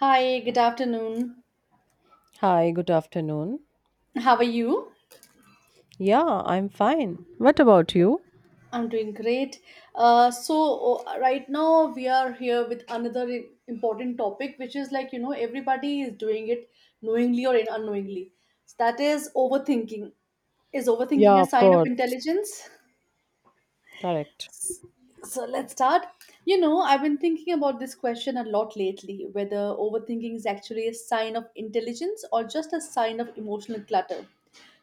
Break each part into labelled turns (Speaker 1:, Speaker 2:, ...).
Speaker 1: Hi, good afternoon.
Speaker 2: Hi, good afternoon.
Speaker 1: How are you?
Speaker 2: Yeah, I'm fine. What about you?
Speaker 1: I'm doing great. So right now we are here with another important topic, which is like you know everybody is doing it knowingly or unknowingly. So that is overthinking. Is overthinking
Speaker 2: Yeah,
Speaker 1: a
Speaker 2: of
Speaker 1: sign of
Speaker 2: course.
Speaker 1: intelligence?
Speaker 2: Correct.
Speaker 1: So let's start. You know, I've been thinking about this question a lot lately, whether overthinking is actually a sign of intelligence or just a sign of emotional clutter.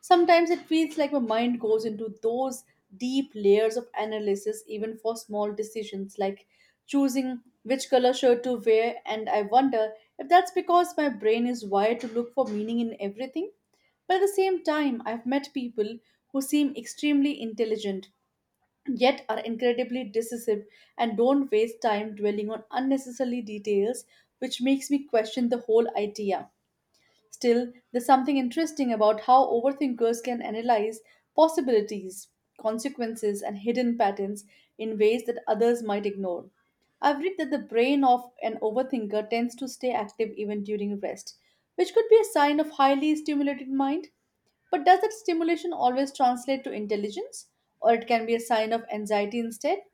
Speaker 1: Sometimes it feels like my mind goes into those deep layers of analysis, even for small decisions like choosing which color shirt to wear, and I wonder if that's because my brain is wired to look for meaning in everything. But at the same time, I've met people who seem extremely intelligent, yet are incredibly decisive and don't waste time dwelling on unnecessary details, which makes me question the whole idea. Still, there's something interesting about how overthinkers can analyze possibilities, consequences, and hidden patterns in ways that others might ignore. I've read that the brain of an overthinker tends to stay active even during rest, which could be a sign of highly stimulated mind. But does that stimulation always translate to intelligence, or it can be a sign of anxiety instead?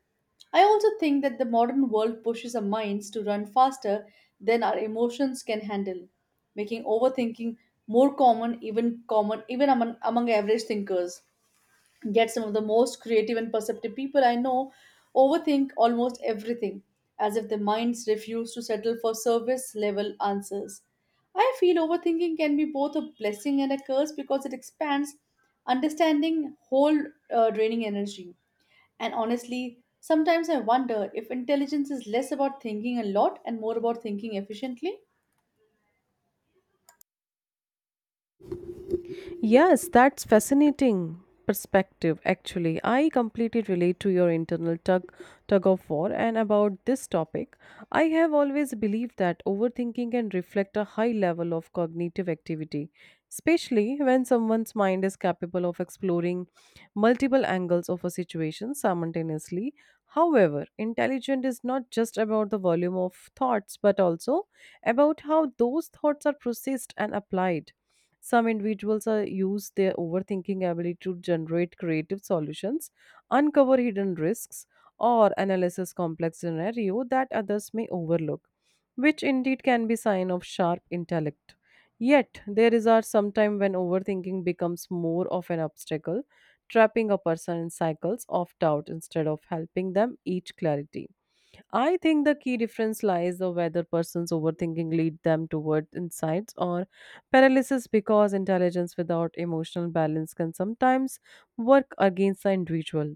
Speaker 1: I also think that the modern world pushes our minds to run faster than our emotions can handle making overthinking more common, even among average thinkers. Yet some of the most creative and perceptive people I know overthink almost everything, as if their minds refuse to settle for service level answers. I feel overthinking can be both a blessing and a curse because it expands understanding whole draining energy. And honestly, sometimes I wonder if intelligence is less about thinking a lot and more about thinking efficiently.
Speaker 2: Yes, that's fascinating perspective actually. I completely relate to your internal tug of war, and about this topic, I have always believed that overthinking can reflect a high level of cognitive activity, especially when someone's mind is capable of exploring multiple angles of a situation simultaneously. However, intelligent is not just about the volume of thoughts but also about how those thoughts are processed and applied. Some individuals use their overthinking ability to generate creative solutions, uncover hidden risks, or analyze complex scenario that others may overlook, which indeed can be sign of sharp intellect. Yet there is a sometime when overthinking becomes more of an obstacle, trapping a person in cycles of doubt instead of helping them each clarity. I think the key difference lies of whether persons overthinking lead them toward insights or paralysis, because intelligence without emotional balance can sometimes work against the individual.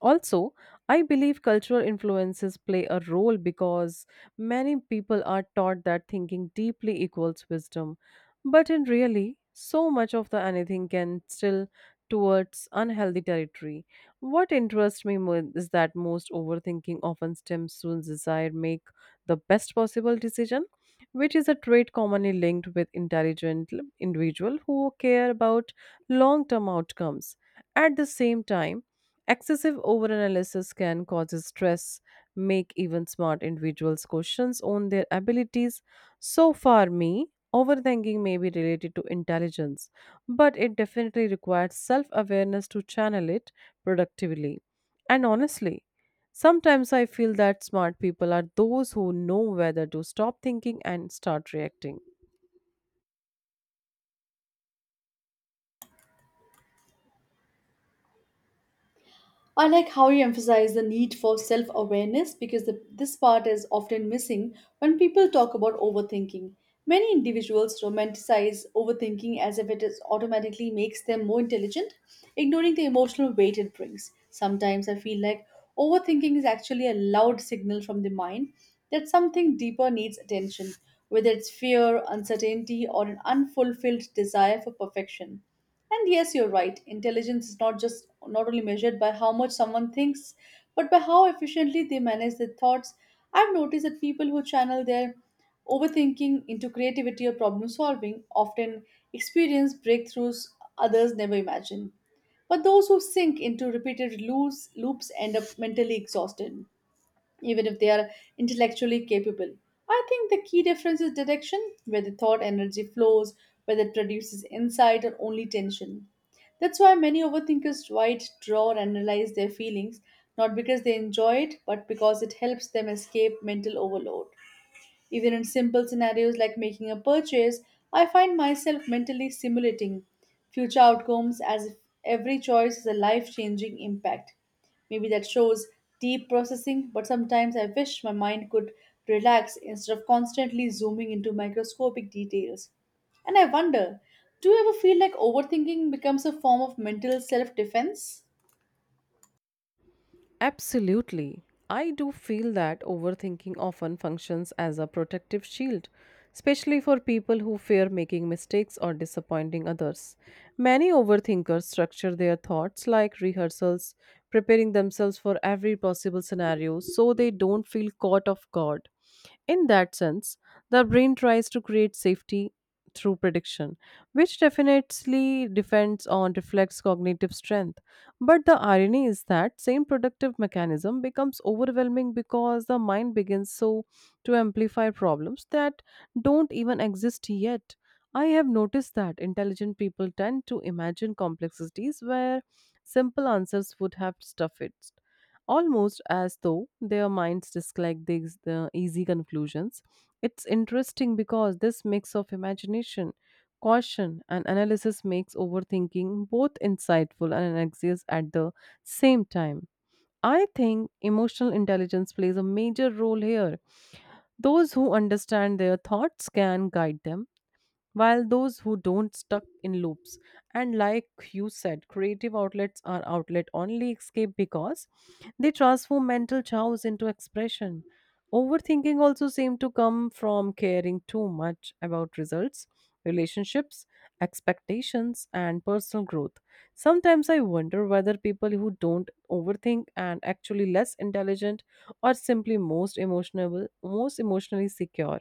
Speaker 2: Also, I believe cultural influences play a role because many people are taught that thinking deeply equals wisdom. But in really, so much of the anything can still towards unhealthy territory. What interests me more is that most overthinking often stems from desire make the best possible decision, which is a trait commonly linked with intelligent individual who care about long-term outcomes. At the same time, excessive overanalysis can cause stress, make even smart individuals questions on their abilities. So far, me, overthinking may be related to intelligence, but it definitely requires self awareness to channel it productively. And honestly, sometimes I feel that smart people are those who know whether to stop thinking and start reacting.
Speaker 1: I like how you emphasize the need for self awareness because this part is often missing when people talk about overthinking. Many individuals romanticize overthinking as if it is automatically makes them more intelligent, ignoring the emotional weight it brings. Sometimes I feel like overthinking is actually a loud signal from the mind that something deeper needs attention, whether it's fear, uncertainty, or an unfulfilled desire for perfection. And yes, you're right. Intelligence is not just not only measured by how much someone thinks, but by how efficiently they manage their thoughts. I've noticed that people who channel their overthinking into creativity or problem solving often experience breakthroughs others never imagine. But those who sink into repeated loops end up mentally exhausted even if they are intellectually capable. I think the key difference is direction, where the thought energy flows, whether it produces insight or only tension. That's why many overthinkers write, draw, and analyze their feelings, not because they enjoy it, but because it helps them escape mental overload. Even in simple scenarios like making a purchase, I find myself mentally simulating future outcomes as if every choice has a life changing impact. Maybe that shows deep processing, but sometimes I wish my mind could relax instead of constantly zooming into microscopic details. And I wonder, do you ever feel like overthinking becomes a form of mental self defense?
Speaker 2: Absolutely. I do feel that overthinking often functions as a protective shield, especially for people who fear making mistakes or disappointing others. Many overthinkers structure their thoughts like rehearsals, preparing themselves for every possible scenario so they don't feel caught off guard. In that sense, the brain tries to create safety through prediction, which definitely depends on reflects cognitive strength. But the irony is that same productive mechanism becomes overwhelming because the mind begins so to amplify problems that don't even exist yet. I have noticed that intelligent people tend to imagine complexities where simple answers would have stuffed it, almost as though their minds dislike the easy conclusions. It's interesting because this mix of imagination, caution, and analysis makes overthinking both insightful and anxious at the same time. I think emotional intelligence plays a major role here. Those who understand their thoughts can guide them, while those who don't stuck in loops. And like you said, creative outlets are outlet only escape because they transform mental chaos into expression. Overthinking also seem to come from caring too much about results, relationships, expectations, and personal growth. Sometimes I wonder whether people who don't overthink and actually less intelligent, or simply most emotionally secure.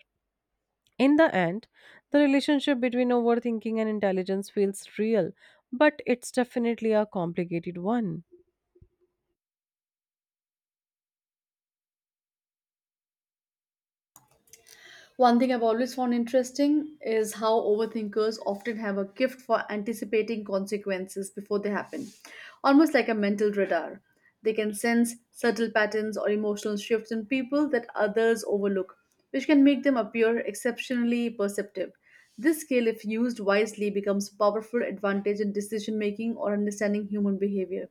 Speaker 2: In the end, the relationship between overthinking and intelligence feels real, but it's definitely a complicated one.
Speaker 1: One thing I've always found interesting is how overthinkers often have a gift for anticipating consequences before they happen, almost like a mental radar. They can sense subtle patterns or emotional shifts in people that others overlook, which can make them appear exceptionally perceptive. This skill, if used wisely, becomes a powerful advantage in decision making or understanding human behavior.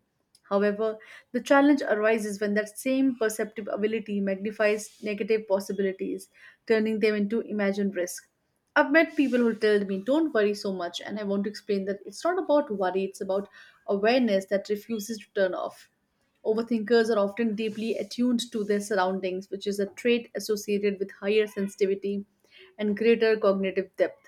Speaker 1: However, the challenge arises when that same perceptive ability magnifies negative possibilities, turning them into imagined risk. I've met people who tell me, don't worry so much, and I want to explain that it's not about worry, it's about awareness that refuses to turn off. Overthinkers are often deeply attuned to their surroundings, which is a trait associated with higher sensitivity and greater cognitive depth.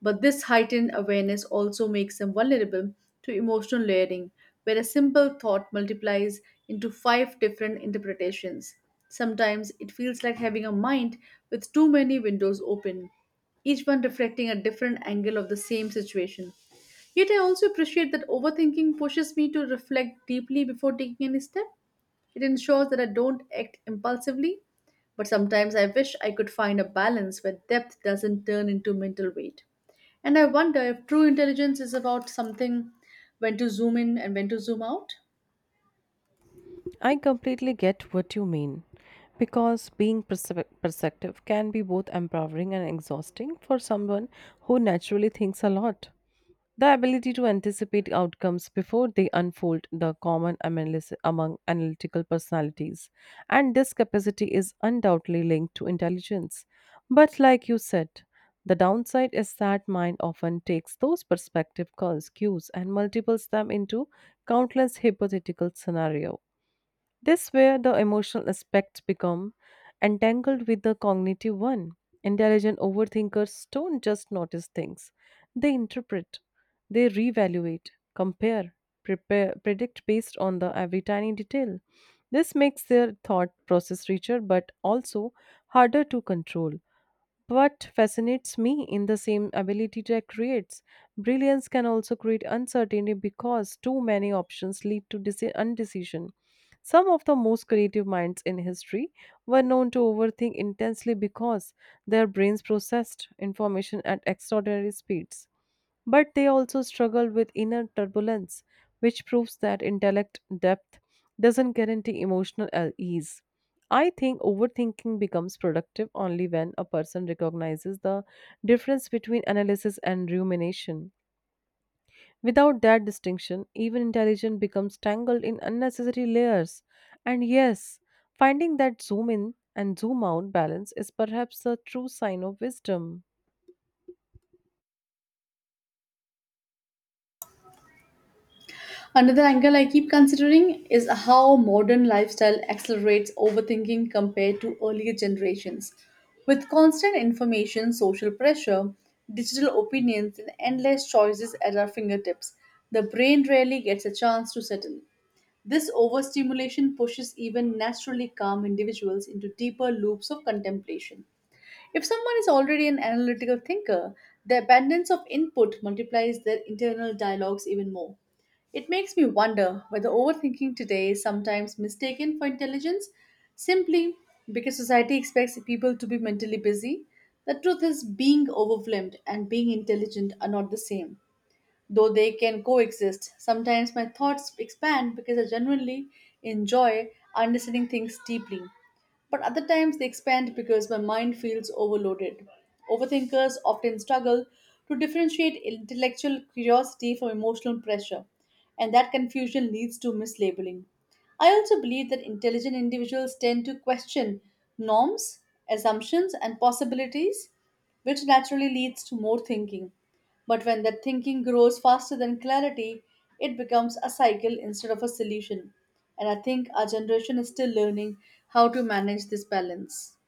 Speaker 1: But this heightened awareness also makes them vulnerable to emotional layering, where a simple thought multiplies into five different interpretations. Sometimes it feels like having a mind with too many windows open, each one reflecting a different angle of the same situation. Yet I also appreciate that overthinking pushes me to reflect deeply before taking any step it ensures that I don't act impulsively, but sometimes I wish I could find a balance where depth doesn't turn into mental weight. And I wonder if true intelligence is about something when to zoom in and when to zoom out.
Speaker 2: I completely get what you mean, because being perceptive can be both empowering and exhausting for someone who naturally thinks a lot. The ability to anticipate outcomes before they unfold the common among analytical personalities, and this capacity is undoubtedly linked to intelligence. But like you said, the downside is that mind often takes those perspective cues and multiples them into countless hypothetical scenarios. This where the emotional aspects become entangled with the cognitive one. Intelligent overthinkers don't just notice things. They interpret, they reevaluate, compare, prepare, predict based on the every tiny detail. This makes their thought process richer but also harder to control. What fascinates me in the same ability to create brilliance can also create uncertainty because too many options lead to undecision. Some of the most creative minds in history were known to overthink intensely because their brains processed information at extraordinary speeds. But they also struggle with inner turbulence, which proves that intellect depth doesn't guarantee emotional ease. I think overthinking becomes productive only when a person recognizes the difference between analysis and rumination. Without that distinction, even intelligence becomes tangled in unnecessary layers. And yes, finding that zoom in and zoom out balance is perhaps the true sign of wisdom.
Speaker 1: Another angle I keep considering is how modern lifestyle accelerates overthinking compared to earlier generations. With constant information, social pressure, digital opinions, and endless choices at our fingertips, the brain rarely gets a chance to settle. This overstimulation pushes even naturally calm individuals into deeper loops of contemplation. If someone is already an analytical thinker, the abundance of input multiplies their internal dialogues even more. It makes me wonder whether overthinking today is sometimes mistaken for intelligence simply because society expects people to be mentally busy. The truth is, being overwhelmed and being intelligent are not the same though they can coexist. Sometimes my thoughts expand because I genuinely enjoy understanding things deeply, but other times they expand because my mind feels overloaded. Overthinkers often struggle to differentiate intellectual curiosity from emotional pressure, and that confusion leads to mislabeling. I also believe that intelligent individuals tend to question norms, assumptions, and possibilities, which naturally leads to more thinking. But when that thinking grows faster than clarity, it becomes a cycle instead of a solution. And I think our generation is still learning how to manage this balance.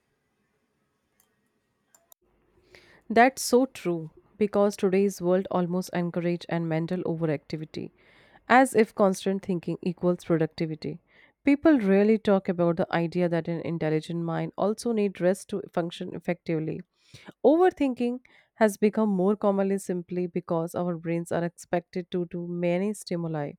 Speaker 2: That's so true, because today's world almost encourage and mental overactivity as if constant thinking equals productivity. People rarely talk about the idea that an intelligent mind also needs rest to function effectively. Overthinking has become more commonly simply because our brains are expected to do many stimuli.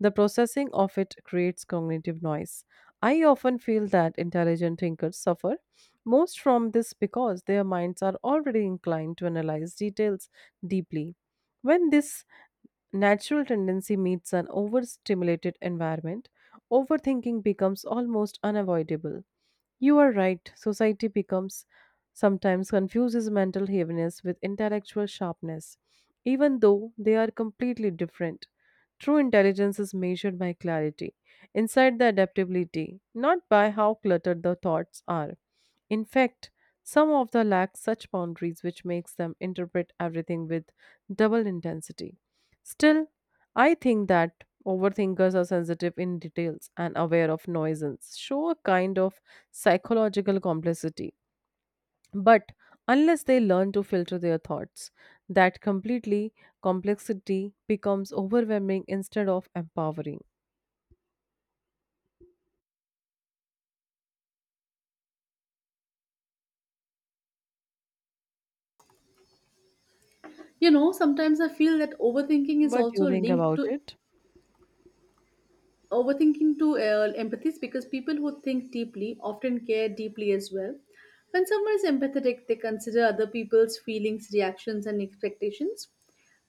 Speaker 2: The processing of it creates cognitive noise. I often feel that intelligent thinkers suffer most from this because their minds are already inclined to analyze details deeply. When this natural tendency meets an overstimulated environment, overthinking becomes almost unavoidable. You are right. Society becomes sometimes confuses mental heaviness with intellectual sharpness, even though they are completely different. True intelligence is measured by clarity, inside the adaptability, not by how cluttered the thoughts are. In fact, some of the lack such boundaries which makes them interpret everything with double intensity. Still, I think that overthinkers are sensitive in details and aware of nuisance, show a kind of psychological complexity. But unless they learn to filter their thoughts, that completely complexity becomes overwhelming instead of empowering.
Speaker 1: You know, sometimes I feel that overthinking is
Speaker 2: What do you
Speaker 1: also
Speaker 2: think
Speaker 1: linked
Speaker 2: about
Speaker 1: to
Speaker 2: it?
Speaker 1: overthinking to uh, empathy because people who think deeply often care deeply as well. When someone is empathetic, they consider other people's feelings, reactions, and expectations,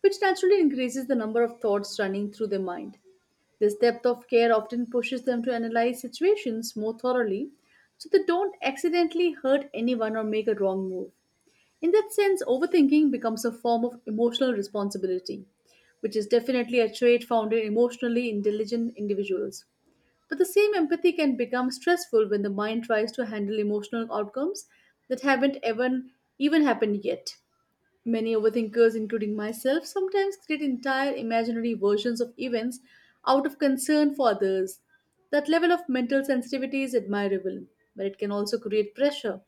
Speaker 1: which naturally increases the number of thoughts running through their mind. This depth of care often pushes them to analyze situations more thoroughly so they don't accidentally hurt anyone or make a wrong move. In that sense, overthinking becomes a form of emotional responsibility, which is definitely a trait found in emotionally intelligent individuals. But the same empathy can become stressful when the mind tries to handle emotional outcomes that haven't even happened yet. Many overthinkers, including myself, sometimes create entire imaginary versions of events out of concern for others. That level of mental sensitivity is admirable, but it can also create pressure.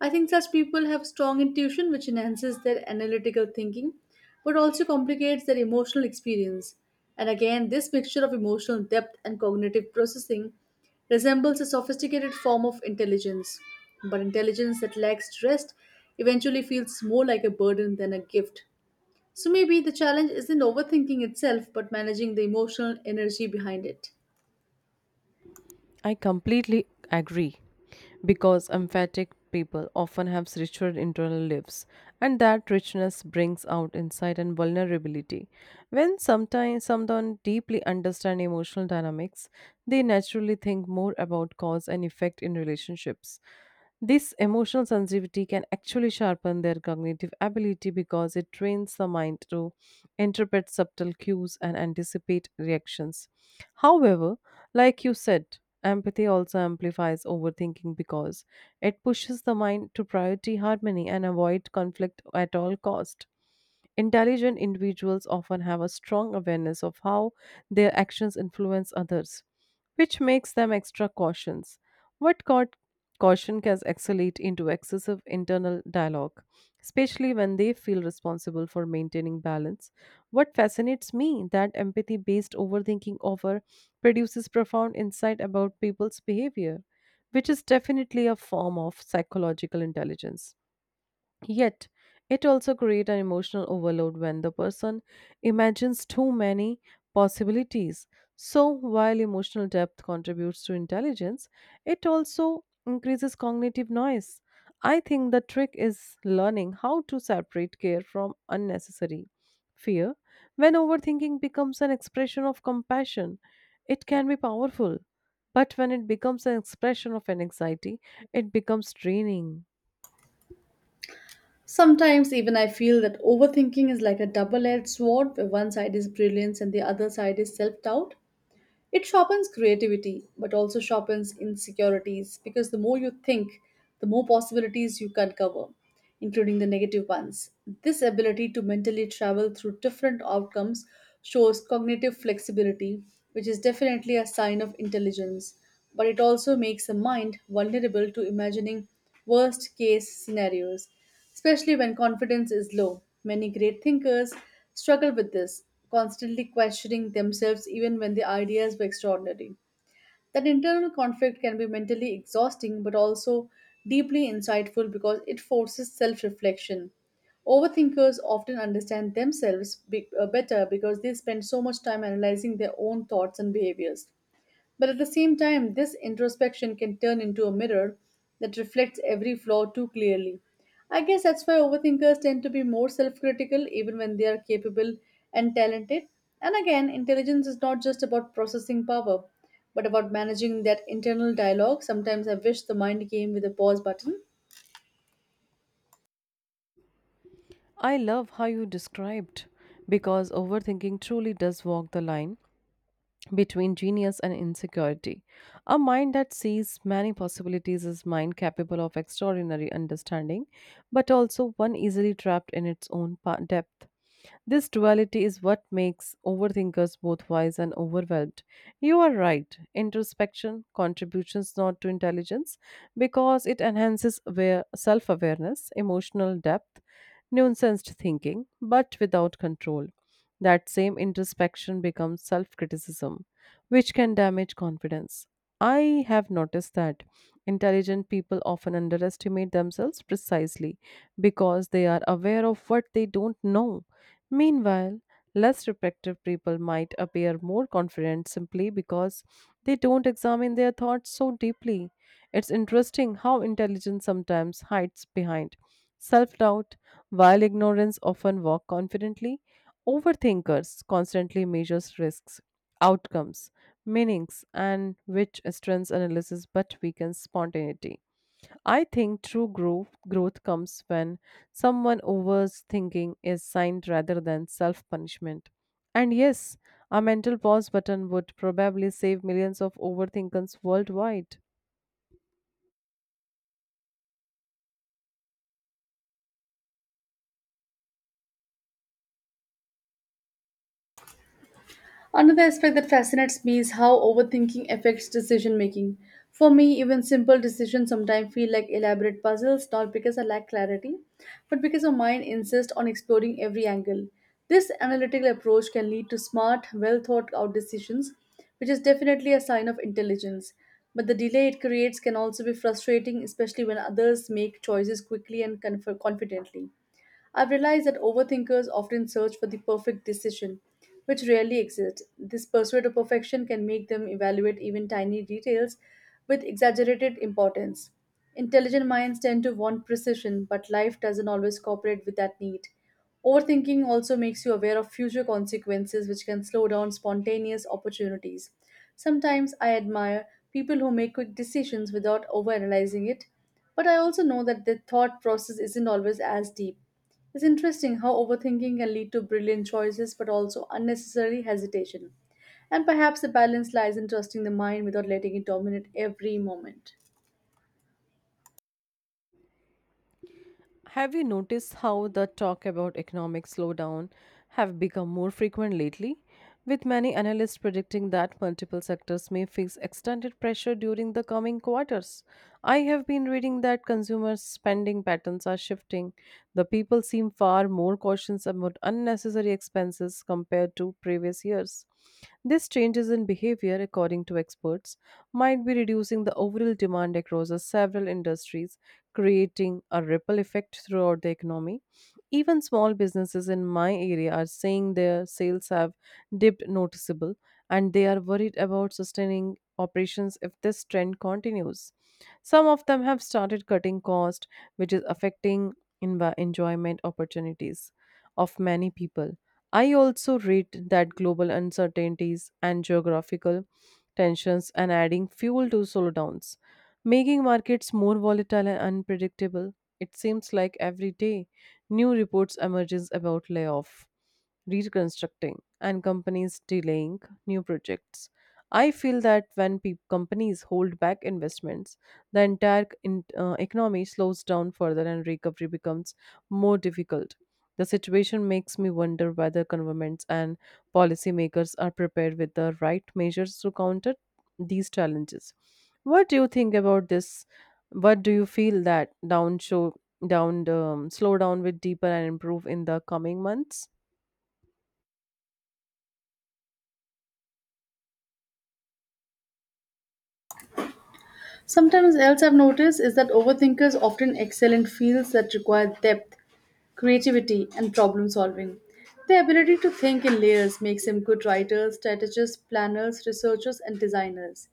Speaker 1: I think such people have strong intuition, which enhances their analytical thinking but also complicates their emotional experience. And again, this mixture of emotional depth and cognitive processing resembles a sophisticated form of intelligence. But intelligence that lacks rest eventually feels more like a burden than a gift. So maybe the challenge isn't overthinking itself but managing the emotional energy behind it.
Speaker 2: I completely agree, because emphatic people often have richer internal lives, and that richness brings out insight and vulnerability. When sometimes someone deeply understand emotional dynamics, they naturally think more about cause and effect in relationships. This emotional sensitivity can actually sharpen their cognitive ability because it trains the mind to interpret subtle cues and anticipate reactions. However, like you said, empathy also amplifies overthinking because it pushes the mind to priority harmony and avoid conflict at all cost. Intelligent individuals often have a strong awareness of how their actions influence others, which makes them extra cautious. What caught caution can escalate into excessive internal dialogue, especially when they feel responsible for maintaining balance. What fascinates me that empathy-based overthinking offer produces profound insight about people's behavior, which is definitely a form of psychological intelligence. Yet, it also creates an emotional overload when the person imagines too many possibilities. So, while emotional depth contributes to intelligence, it also increases cognitive noise. I think the trick is learning how to separate care from unnecessary fear. When overthinking becomes an expression of compassion, it can be powerful. But when it becomes an expression of anxiety, it becomes draining.
Speaker 1: Sometimes even I feel that overthinking is like a double-edged sword where one side is brilliance and the other side is self-doubt. It sharpens creativity but also sharpens insecurities because the more you think, the more possibilities you can cover including the negative ones. This ability to mentally travel through different outcomes shows cognitive flexibility, which is definitely a sign of intelligence, but it also makes the mind vulnerable to imagining worst case scenarios, especially when confidence is low. Many great thinkers struggle with this, constantly questioning themselves even when their ideas were extraordinary. That internal conflict can be mentally exhausting but also deeply insightful because it forces self reflection. Overthinkers often understand themselves better because they spend so much time analyzing their own thoughts and behaviors. But at the same time, this introspection can turn into a mirror that reflects every flaw too clearly. I guess that's why overthinkers tend to be more self critical even when they are capable and talented. And again, intelligence is not just about processing power, but about managing that internal dialogue. Sometimes I wish the mind came with a pause button.
Speaker 2: I love how you described, because overthinking truly does walk the line between genius and insecurity. A mind that sees many possibilities is mind capable of extraordinary understanding, but also one easily trapped in its own depth. This duality is what makes overthinkers both wise and overwhelmed. You are right. Introspection contributions not to intelligence because it enhances self awareness, emotional depth, nuanced thinking, but without control. That same introspection becomes self criticism, which can damage confidence. I have noticed that intelligent people often underestimate themselves precisely because they are aware of what they don't know. Meanwhile, less reflective people might appear more confident simply because they don't examine their thoughts so deeply. It's interesting how intelligence sometimes hides behind self doubt, while ignorance often walks confidently. Overthinkers constantly measures risks, outcomes, meanings, and which strengths analysis but weakens spontaneity. I think true growth comes when someone overthinking is signed rather than self punishment. And yes, a mental pause button would probably save millions of overthinkers worldwide.
Speaker 1: Another aspect that fascinates me is how overthinking affects decision making. For me, even simple decisions sometimes feel like elaborate puzzles, not because I lack clarity, but because my mind insists on exploring every angle. This analytical approach can lead to smart, well thought out decisions, which is definitely a sign of intelligence. But the delay it creates can also be frustrating, especially when others make choices quickly and confidently. I've realized that overthinkers often search for the perfect decision, which rarely exists. This pursuit of perfection can make them evaluate even tiny details with exaggerated importance. Intelligent minds tend to want precision, but life doesn't always cooperate with that need. Overthinking also makes you aware of future consequences, which can slow down spontaneous opportunities. Sometimes I admire people who make quick decisions without overanalyzing it, but I also know that their thought process isn't always as deep. It's interesting how overthinking can lead to brilliant choices but also unnecessary hesitation. And perhaps the balance lies in trusting the mind without letting it dominate every moment.
Speaker 2: Have you noticed how the talk about economic slowdown have become more frequent lately, with many analysts predicting that multiple sectors may face extended pressure during the coming quarters? I have been reading that consumer spending patterns are shifting. The people seem far more cautious about unnecessary expenses compared to previous years. These changes in behavior, according to experts, might be reducing the overall demand across the several industries, creating a ripple effect throughout the economy. Even small businesses in my area are saying their sales have dipped noticeable, and they are worried about sustaining operations if this trend continues. Some of them have started cutting cost, which is affecting enjoyment opportunities of many people. I also read that global uncertainties and geographical tensions and adding fuel to slowdowns, making markets more volatile and unpredictable. It seems like every day new reports emerges about layoff, reconstructing, and companies delaying new projects. I feel that when companies hold back investments, the entire economy slows down further and recovery becomes more difficult. The situation makes me wonder whether governments and policymakers are prepared with the right measures to counter these challenges. What do you think about this? What do you feel that down show down slow down with deeper and improve in the coming months?
Speaker 1: Sometimes else I've noticed is that overthinkers often excel in fields that require depth, creativity, and problem solving. Their ability to think in layers makes them good writers, strategists, planners, researchers, and designers.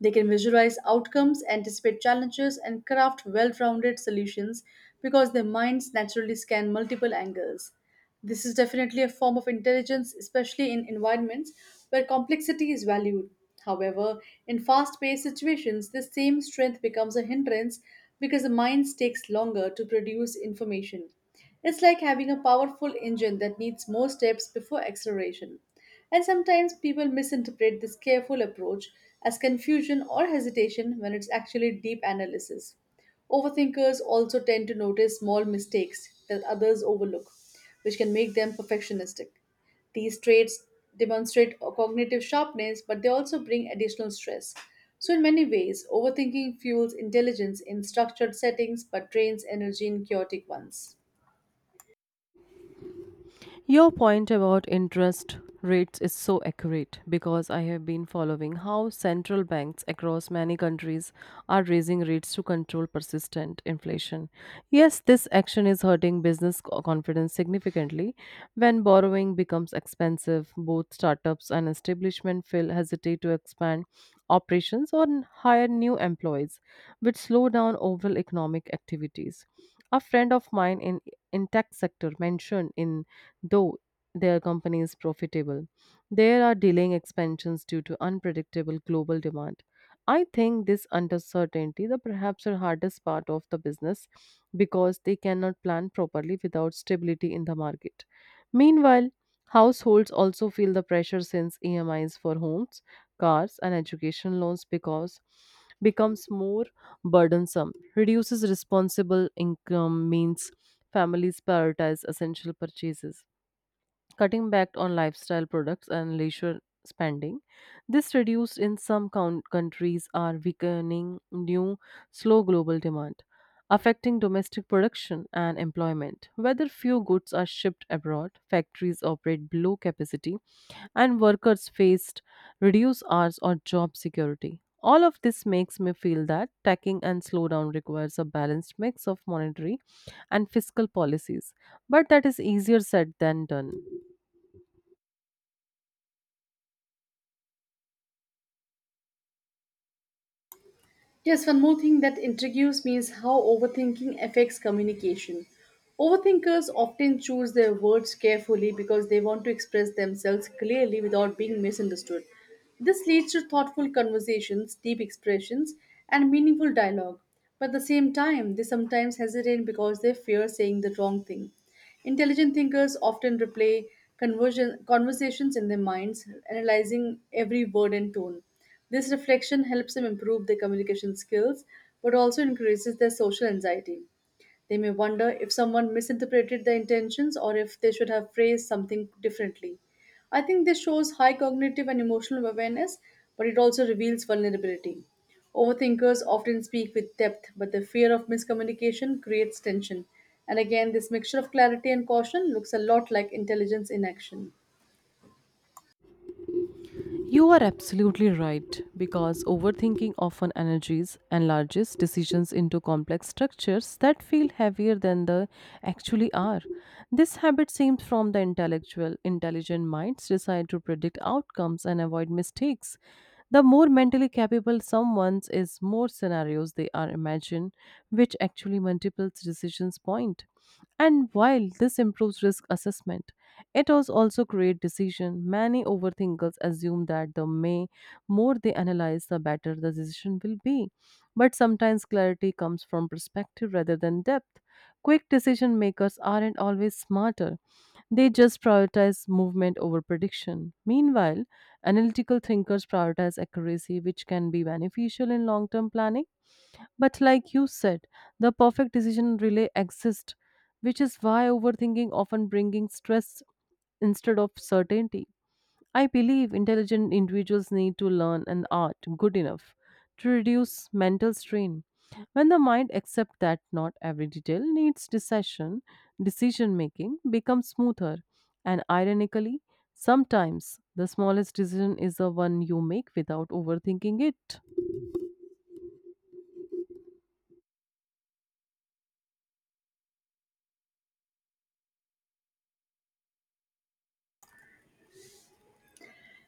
Speaker 1: They can visualize outcomes, anticipate challenges, and craft well rounded solutions because their minds naturally scan multiple angles. This is definitely a form of intelligence, especially in environments where complexity is valued. However, in fast paced situations, this same strength becomes a hindrance because the mind takes longer to produce information. It's like having a powerful engine that needs more steps before acceleration. And sometimes people misinterpret this careful approach as confusion or hesitation when it's actually deep analysis. Overthinkers also tend to notice small mistakes that others overlook, which can make them perfectionistic. These traits demonstrate a cognitive sharpness, but they also bring additional stress. So, in many ways, overthinking fuels intelligence in structured settings but drains energy in chaotic ones.
Speaker 2: Your point about interest rates is so accurate because I have been following how central banks across many countries are raising rates to control persistent inflation. Yes, this action is hurting business confidence significantly. When borrowing becomes expensive, both startups and establishment feel hesitate to expand operations or hire new employees, which slow down overall economic activities. A friend of mine in tech sector mentioned in though their company is profitable. There are delaying expansions due to unpredictable global demand. I think this uncertainty the perhaps the hardest part of the business because they cannot plan properly without stability in the market. Meanwhile, households also feel the pressure since EMIs for homes, cars and education loans because becomes more burdensome. Reduces responsible income means families prioritize essential purchases cutting back on lifestyle products and leisure spending. This reduced in some countries are weakening new slow global demand, affecting domestic production and employment. Whether few goods are shipped abroad, factories operate below capacity, and workers faced reduced hours or job security. All of this makes me feel that tacking and slowdown requires a balanced mix of monetary and fiscal policies, but that is easier said than done.
Speaker 1: Yes, one more thing that intrigues me is how overthinking affects communication. Overthinkers often choose their words carefully because they want to express themselves clearly without being misunderstood. This leads to thoughtful conversations, deep expressions, and meaningful dialogue. But at the same time, they sometimes hesitate because they fear saying the wrong thing. Intelligent thinkers often replay conversations in their minds, analyzing every word and tone. This reflection helps them improve their communication skills but also increases their social anxiety. They may wonder if someone misinterpreted their intentions or if they should have phrased something differently. I think this shows high cognitive and emotional awareness, but it also reveals vulnerability. Overthinkers often speak with depth, but the fear of miscommunication creates tension. And again, this mixture of clarity and caution looks a lot like intelligence in action.
Speaker 2: You are absolutely right, because overthinking often energies enlarges decisions into complex structures that feel heavier than they actually are. This habit seems from the intellectual, intelligent minds decide to predict outcomes and avoid mistakes. The more mentally capable someone is, more scenarios they are imagine, which actually multiples decisions point. And while this improves risk assessment, it was also create decision. Many overthinkers assume that the may more they analyze, the better the decision will be. But sometimes clarity comes from perspective rather than depth. Quick decision makers aren't always smarter. They just prioritize movement over prediction. Meanwhile, analytical thinkers prioritize accuracy, which can be beneficial in long term planning. But, like you said, the perfect decision relay exists, which is why overthinking often bringing stress instead of certainty. I believe intelligent individuals need to learn an art good enough to reduce mental strain. When the mind accepts that not every detail needs decision, decision making becomes smoother. And ironically, sometimes the smallest decision is the one you make without overthinking it.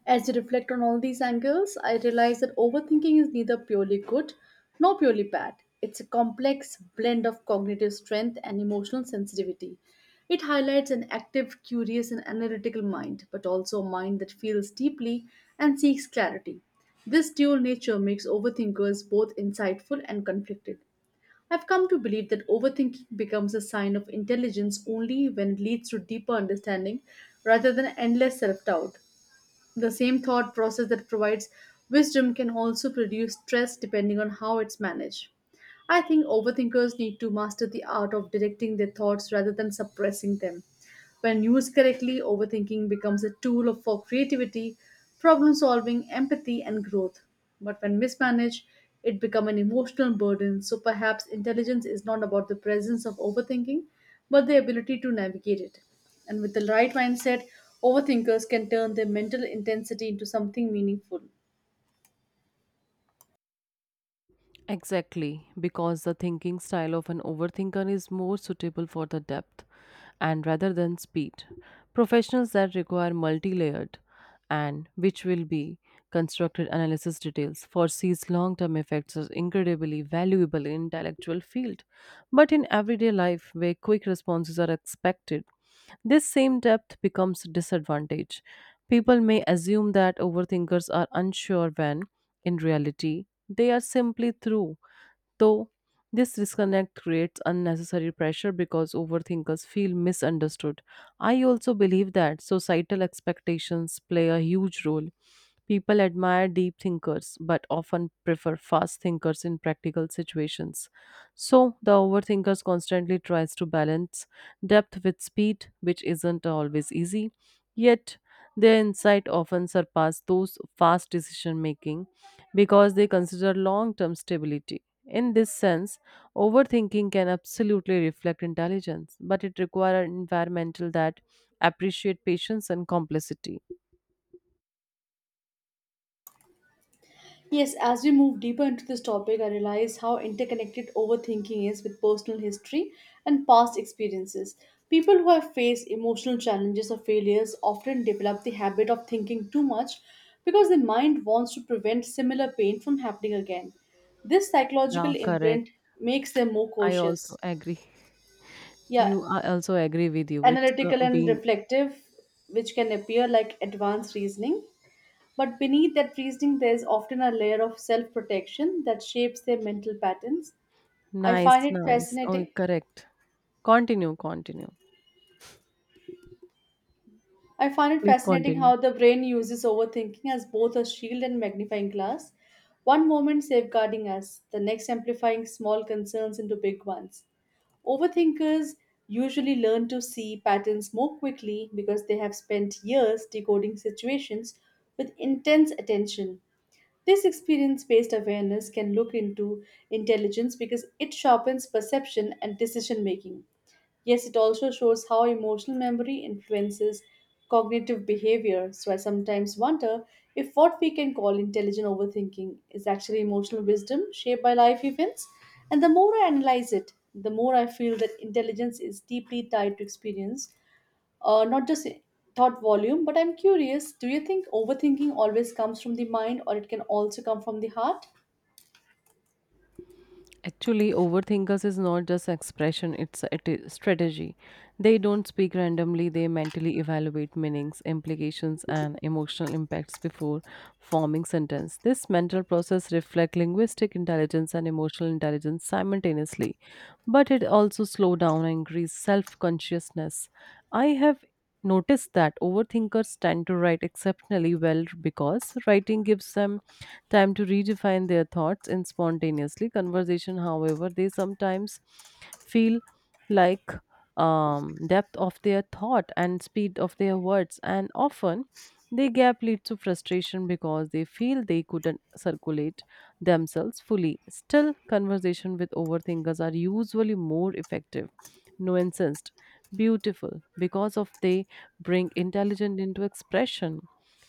Speaker 1: As I reflect on all these angles, I realize that overthinking is neither purely good nor purely bad. It's a complex blend of cognitive strength and emotional sensitivity. It highlights an active, curious, and analytical mind, but also a mind that feels deeply and seeks clarity. This dual nature makes overthinkers both insightful and conflicted. I've come to believe that overthinking becomes a sign of intelligence only when it leads to deeper understanding rather than endless self doubt. The same thought process that provides wisdom can also produce stress depending on how it's managed. I think overthinkers need to master the art of directing their thoughts rather than suppressing them. When used correctly, overthinking becomes a tool for creativity, problem solving, empathy, and growth. But when mismanaged, it becomes an emotional burden. So perhaps intelligence is not about the presence of overthinking, but the ability to navigate it. And with the right mindset, overthinkers can turn their mental intensity into something meaningful.
Speaker 2: Exactly, because the thinking style of an overthinker is more suitable for the depth and rather than speed. Professionals that require multi layered and which will be constructed analysis details foresees long term effects as incredibly valuable in intellectual field. But in everyday life where quick responses are expected, this same depth becomes a disadvantage. People may assume that overthinkers are unsure when, in reality, they are simply through. Though this disconnect creates unnecessary pressure because overthinkers feel misunderstood. I also believe that societal expectations play a huge role. People admire deep thinkers but often prefer fast thinkers in practical situations. So the overthinkers constantly tries to balance depth with speed, which isn't always easy. Yet their insight often surpass those fast decision making because they consider long term stability. In this sense, overthinking can absolutely reflect intelligence, but it requires an environmental that appreciate patience and complexity.
Speaker 1: Yes, as we move deeper into this topic, I realize how interconnected overthinking is with personal history and past experiences. People who have faced emotional challenges or failures often develop the habit of thinking too much because the mind wants to prevent similar pain from happening again. This
Speaker 2: Yeah,
Speaker 1: psychological
Speaker 2: correct.
Speaker 1: imprint makes them more
Speaker 2: I also
Speaker 1: cautious.
Speaker 2: agree.
Speaker 1: Yeah,
Speaker 2: You I also agree with you. It's
Speaker 1: analytical and
Speaker 2: been
Speaker 1: reflective, which can appear like advanced reasoning. But beneath that reasoning, there is often a layer of self protection that shapes their mental patterns. I
Speaker 2: nice,
Speaker 1: find it
Speaker 2: nice. Oh,
Speaker 1: fascinating
Speaker 2: correct. Continue, continue.
Speaker 1: I find it
Speaker 2: Please
Speaker 1: fascinating
Speaker 2: continue.
Speaker 1: how the brain uses overthinking as both a shield and magnifying glass. One moment safeguarding us, the next amplifying small concerns into big ones. Overthinkers usually learn to see patterns more quickly because they have spent years decoding situations with intense attention. This experience based awareness can look into intelligence because it sharpens perception and decision making. Yes, it also shows how emotional memory influences cognitive behavior. So I sometimes wonder if what we can call intelligent overthinking is actually emotional wisdom shaped by life events. And the more I analyze it, the more I feel that intelligence is deeply tied to experience, not just thought volume. But I'm curious, do you think overthinking always comes from the mind or it can also come from the heart?
Speaker 2: Actually, overthinkers is not just expression, it's a strategy. They don't speak randomly, they mentally evaluate meanings, implications, and emotional impacts before forming sentence. This mental process reflects linguistic intelligence and emotional intelligence simultaneously, but it also slow down and increase self-consciousness. I have noticed that overthinkers tend to write exceptionally well because writing gives them time to redefine their thoughts in spontaneously conversation however they sometimes feel like depth of their thought and speed of their words and often the gap leads to frustration because they feel they couldn't circulate themselves fully still conversation with overthinkers are usually more effective nuanced beautiful because of they bring intelligence into expression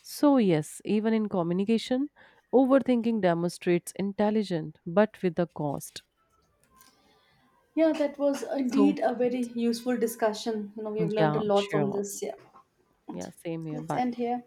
Speaker 2: so yes even in communication overthinking demonstrates intelligence, but with a cost.
Speaker 1: Yeah, that was
Speaker 2: So,
Speaker 1: indeed a very useful discussion. You know, we've learned
Speaker 2: yeah,
Speaker 1: a lot from
Speaker 2: sure.
Speaker 1: this. Yeah.
Speaker 2: Yeah, same here.
Speaker 1: Let's end
Speaker 2: Bye.
Speaker 1: here.